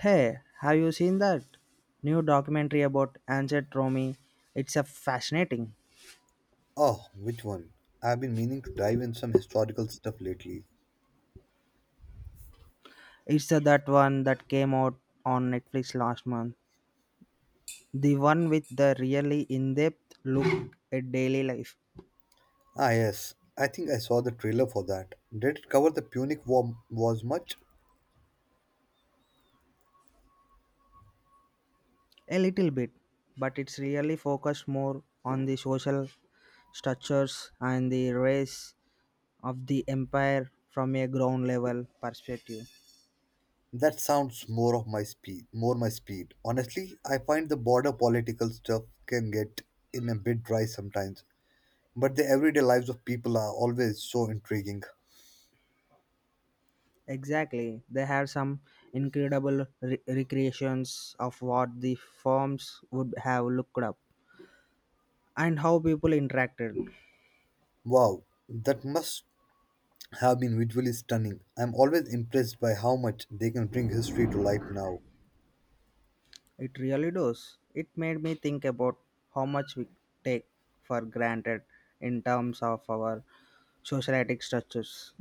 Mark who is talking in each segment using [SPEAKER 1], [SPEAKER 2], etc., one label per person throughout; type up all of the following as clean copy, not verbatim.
[SPEAKER 1] Hey, have you seen that new documentary about ancient Rome? It's a fascinating.
[SPEAKER 2] Oh, which one? I've been meaning to dive in some historical stuff lately.
[SPEAKER 1] It's that one that came out on Netflix last month. The one with the really in-depth look at daily life.
[SPEAKER 2] Ah, yes. I think I saw the trailer for that. Did it cover the Punic War was much?
[SPEAKER 1] A little bit, but it's really focused more on the social structures and the rise of the empire from a ground level perspective.
[SPEAKER 2] That sounds more of my speed, more my speed. Honestly, I find the border political stuff can get in a bit dry sometimes, but the everyday lives of people are always so intriguing.
[SPEAKER 1] Exactly. They have some incredible recreations of what the forms would have looked up and how people interacted.
[SPEAKER 2] Wow, that must have been visually stunning. I'm always impressed by how much they can bring history to life now.
[SPEAKER 1] It really does. It made me think about how much we take for granted in terms of our societic structures.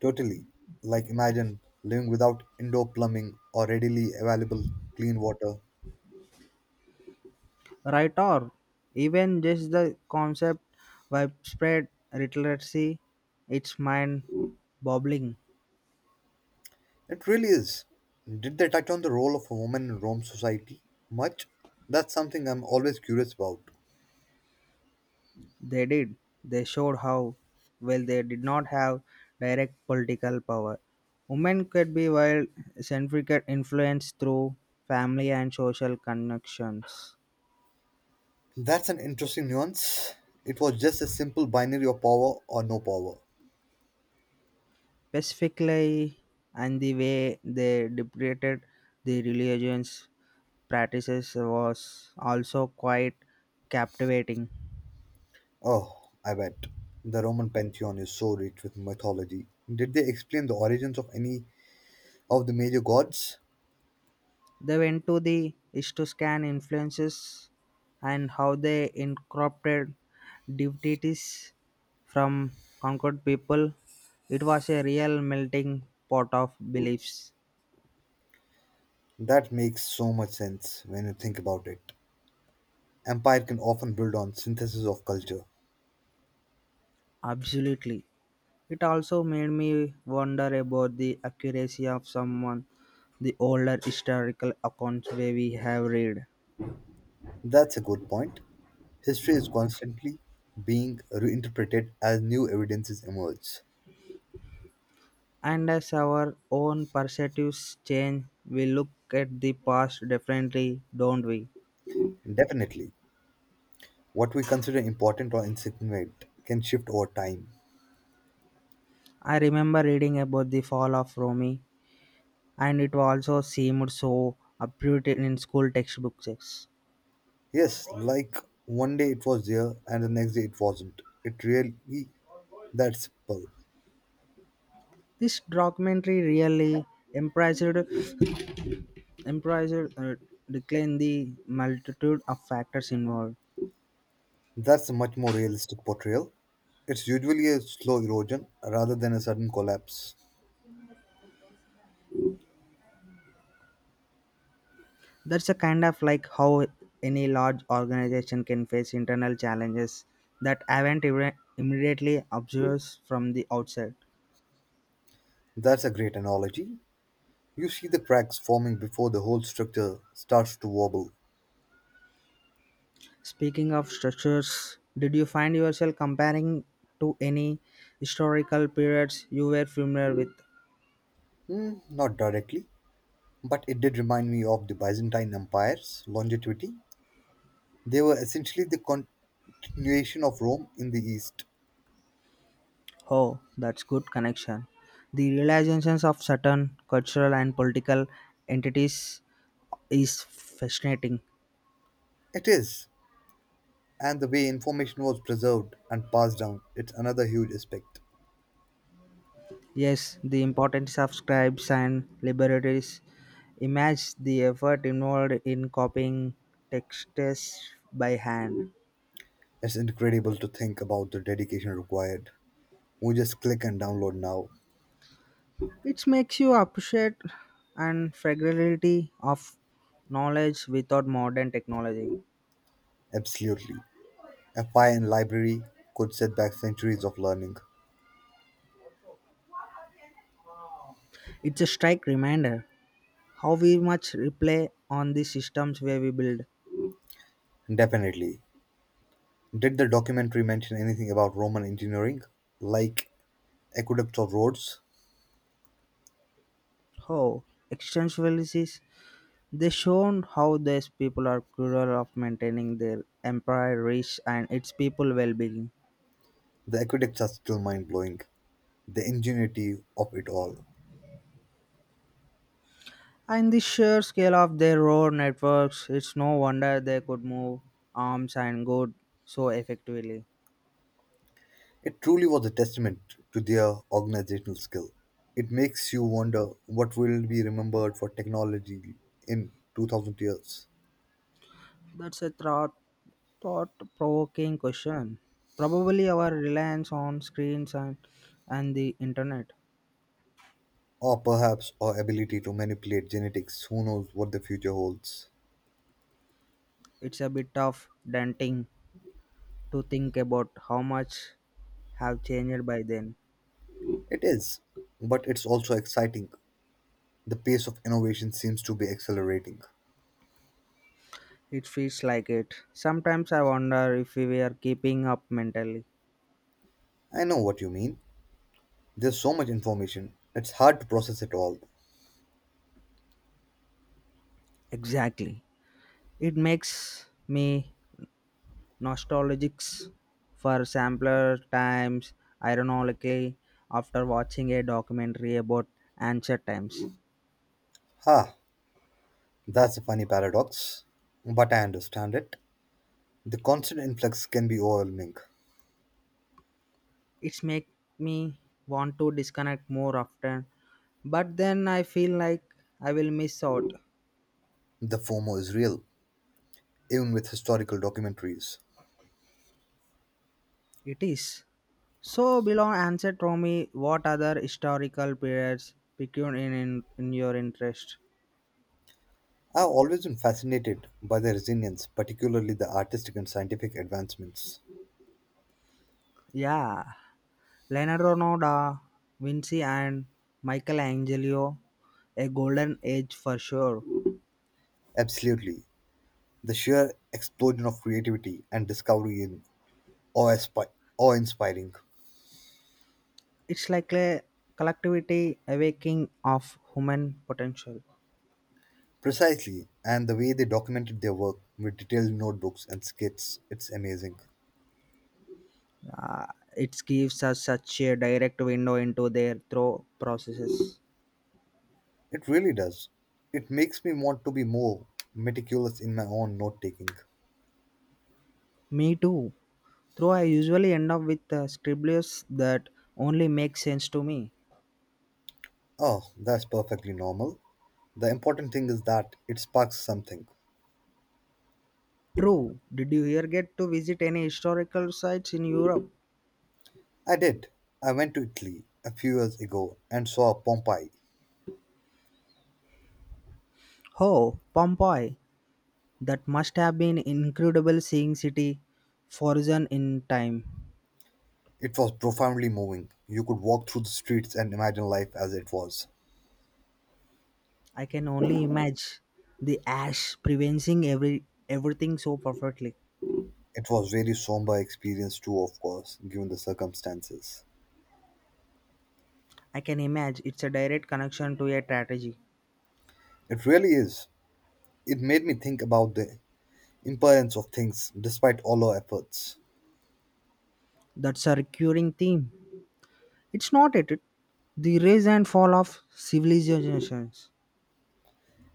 [SPEAKER 2] Totally. Like imagine living without indoor plumbing or readily available clean water.
[SPEAKER 1] Right, or even just the concept widespread literacy, it's mind boggling.
[SPEAKER 2] It really is. Did they touch on the role of a woman in Rome society much? That's something I'm always curious about.
[SPEAKER 1] They did. They showed how, while they did not have direct political power, women could be wield significant influence through family and social connections.
[SPEAKER 2] That's an interesting nuance. It was just a simple binary of power or no power.
[SPEAKER 1] Specifically, and the way they depicted the religions practices was also quite captivating.
[SPEAKER 2] Oh, I bet. The Roman pantheon is so rich with mythology. Did they explain the origins of any of the major gods?
[SPEAKER 1] They went to the is to scan influences and how they incorporated divinities from conquered people. It was a real melting pot of beliefs.
[SPEAKER 2] That makes so much sense when you think about it. Empire can often build on synthesis of culture.
[SPEAKER 1] Absolutely. It also made me wonder about the accuracy of someone the older historical accounts where we have read.
[SPEAKER 2] That's a good point. History is constantly being reinterpreted as new evidences emerge.
[SPEAKER 1] And as our own perspectives change, we look at the past differently, don't we?
[SPEAKER 2] Definitely, what we consider important or insignificant can shift over time.
[SPEAKER 1] I remember reading about the fall of Rome, and it also seemed so uprooted in school textbooks.
[SPEAKER 2] Yes, like one day it was there and the next day it wasn't. It really that simple.
[SPEAKER 1] This documentary really emphasized, emphasized decline the multitude of factors involved.
[SPEAKER 2] That's a much more realistic portrayal. It's usually a slow erosion rather than a sudden collapse.
[SPEAKER 1] That's a kind of like how any large organization can face internal challenges that are not even immediately obvious from the outside.
[SPEAKER 2] That's a great analogy. You see the cracks forming before the whole structure starts to wobble.
[SPEAKER 1] Speaking of structures, did you find yourself comparing to any historical periods you were familiar with?
[SPEAKER 2] Hmm, not directly, but it did remind me of the Byzantine Empire's longevity. They were essentially the continuation of Rome in the East.
[SPEAKER 1] Oh, that's good connection. The realizations of certain cultural and political entities is fascinating.
[SPEAKER 2] It is, and the way information was preserved and passed down, it's another huge aspect.
[SPEAKER 1] Yes, the importance of scribes and liberators. Imagine the effort involved in copying texts by hand.
[SPEAKER 2] It's incredible to think about the dedication required. We just click and download now.
[SPEAKER 1] It makes you appreciate and fragility of knowledge without modern technology.
[SPEAKER 2] Absolutely. A file and library could set back centuries of learning.
[SPEAKER 1] It's a strike reminder how we much rely on the systems where we build.
[SPEAKER 2] Definitely. Did the documentary mention anything about Roman engineering, like aqueducts or roads?
[SPEAKER 1] How existentialists they shown how these people are cruel of maintaining their empire reach and its people well-being.
[SPEAKER 2] The aqueducts are still mind blowing, the ingenuity of it all.
[SPEAKER 1] And the sheer scale of their road networks, it's no wonder they could move arms and good so effectively.
[SPEAKER 2] It truly was a testament to their organizational skill. It makes you wonder what will be remembered for technology in 2000 years,
[SPEAKER 1] That's a thought provoking question. Probably our reliance on screens and the internet.
[SPEAKER 2] or perhaps our ability to manipulate genetics. Who knows what the future holds?
[SPEAKER 1] It's a bit of daunting to think about how much have changed by then.
[SPEAKER 2] It is, but it's also exciting. The pace of innovation seems to be accelerating.
[SPEAKER 1] It feels like it. Sometimes I wonder if we were keeping up mentally.
[SPEAKER 2] I know what you mean. There's so much information, it's hard to process it all.
[SPEAKER 1] Exactly. It makes me nostalgic for sampler times, ironically, after watching a documentary about ancient times.
[SPEAKER 2] Ha! That's a funny paradox. But I understand it. The constant influx can be overwhelming.
[SPEAKER 1] It's make me want to disconnect more often, but then I feel like I will miss out.
[SPEAKER 2] The FOMO is real, even with historical documentaries.
[SPEAKER 1] It is so below answer to me what other historical periods piqued in your interest?
[SPEAKER 2] I've always been fascinated by their resilience, particularly the artistic and scientific advancements.
[SPEAKER 1] Yeah, leonardo no, da vinci and michelangelo, a golden age for sure.
[SPEAKER 2] Absolutely. The sheer explosion of creativity and discovery in awe-inspi- awe-inspiring.
[SPEAKER 1] It's like a collectivity awakening of human potential.
[SPEAKER 2] Precisely, and the way they documented their work with detailed notebooks and skits, it's amazing.
[SPEAKER 1] Uh, it gives us such a direct window into their throw processes.
[SPEAKER 2] It really does. It makes me want to be more meticulous in my own note taking.
[SPEAKER 1] Me too. Though I usually end up with scribblers that only make sense to me.
[SPEAKER 2] Oh, that's perfectly normal. The important thing is that it sparks something.
[SPEAKER 1] True. Did you here get to visit any historical sites in Europe?
[SPEAKER 2] I did. I went to Italy a few years ago and saw Pompeii.
[SPEAKER 1] Oh, Pompeii. That must have been incredible seeing city frozen in time.
[SPEAKER 2] It was profoundly moving. You could walk through the streets and imagine life as it was.
[SPEAKER 1] I can only imagine the ash preventing everything so perfectly.
[SPEAKER 2] It was really somber experience too, of course, given the circumstances.
[SPEAKER 1] I can imagine it's a direct connection to a tragedy.
[SPEAKER 2] It really is. It made me think about the impermanence of things despite all our efforts.
[SPEAKER 1] That's a recurring theme. It's not at it- The rise and fall of civilizations,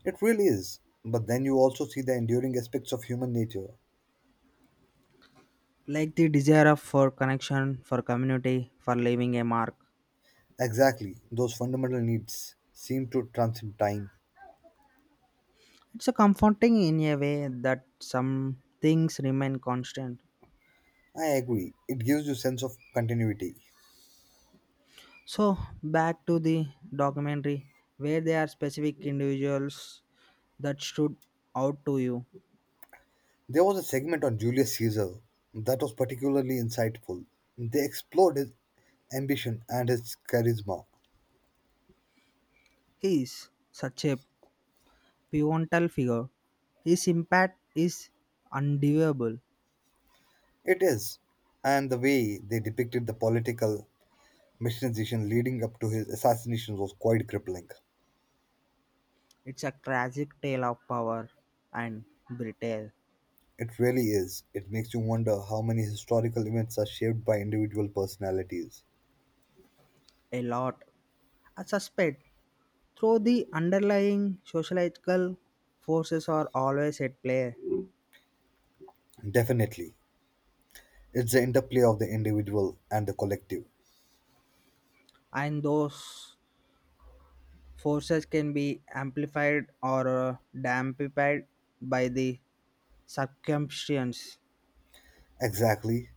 [SPEAKER 2] It really is. But then you also see the enduring aspects of human nature.
[SPEAKER 1] like the for connection, for community, for leaving a mark.
[SPEAKER 2] Exactly, those fundamental needs seem to transcend time.
[SPEAKER 1] It's a comforting in a way that some things remain constant.
[SPEAKER 2] I agree. It gives you sense of continuity.
[SPEAKER 1] So back to the documentary, where there are specific individuals that stood out to you.
[SPEAKER 2] There was a segment on Julius Caesar that was particularly insightful. They explored his ambition and his charisma.
[SPEAKER 1] He is such a pivotal figure. His impact is undeniable.
[SPEAKER 2] It is, and the way they depicted the political mechanization leading up to his assassination was quite crippling.
[SPEAKER 1] It's a tragic tale of power and betrayal.
[SPEAKER 2] It really is. It makes you wonder how many historical events are shaped by individual personalities.
[SPEAKER 1] A lot, I suspect, though the underlying sociological forces are always at play,
[SPEAKER 2] Definitely. It's the interplay of the individual and the collective.
[SPEAKER 1] and those forces can be amplified or dampened by the circumstances.
[SPEAKER 2] Exactly.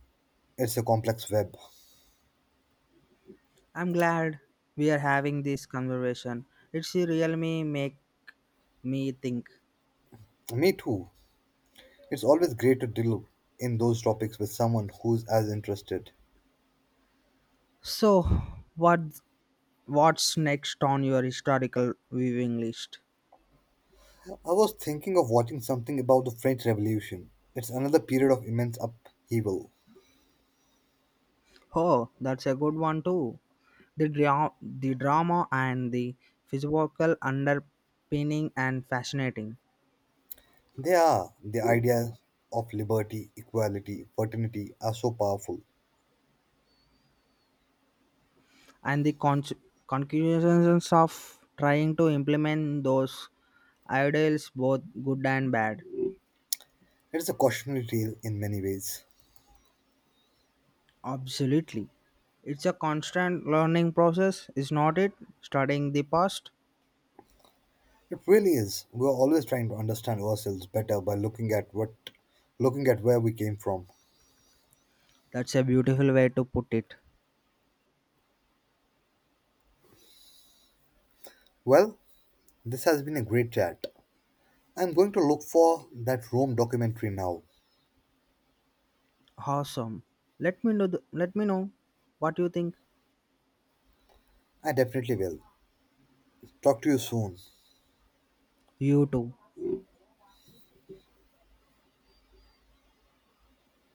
[SPEAKER 2] It's a complex web.
[SPEAKER 1] I'm glad we are having this conversation. It's really make me think.
[SPEAKER 2] Me too. It's always great to delve in those topics with someone who's as interested.
[SPEAKER 1] So, what what's next on your historical viewing list?
[SPEAKER 2] I was thinking of watching something about the French Revolution. It's another period of immense upheaval.
[SPEAKER 1] Oh, that's a good one too. The, the drama and the physical underpinning and fascinating,
[SPEAKER 2] They are. The idea of liberty, equality, fraternity are so powerful.
[SPEAKER 1] and the conclusions of trying to implement those ideals, both good and bad.
[SPEAKER 2] It's a cautionary tale in many ways.
[SPEAKER 1] Absolutely. It's a constant learning process, is not it? Studying the past.
[SPEAKER 2] It really is. We're always trying to understand ourselves better by looking at where we came from.
[SPEAKER 1] That's a beautiful way to put it.
[SPEAKER 2] Well, this has been a great chat. I'm going to look for that Rome documentary now.
[SPEAKER 1] Awesome. Let me know. Let me know what you think.
[SPEAKER 2] I definitely will. Talk to you soon.
[SPEAKER 1] You too.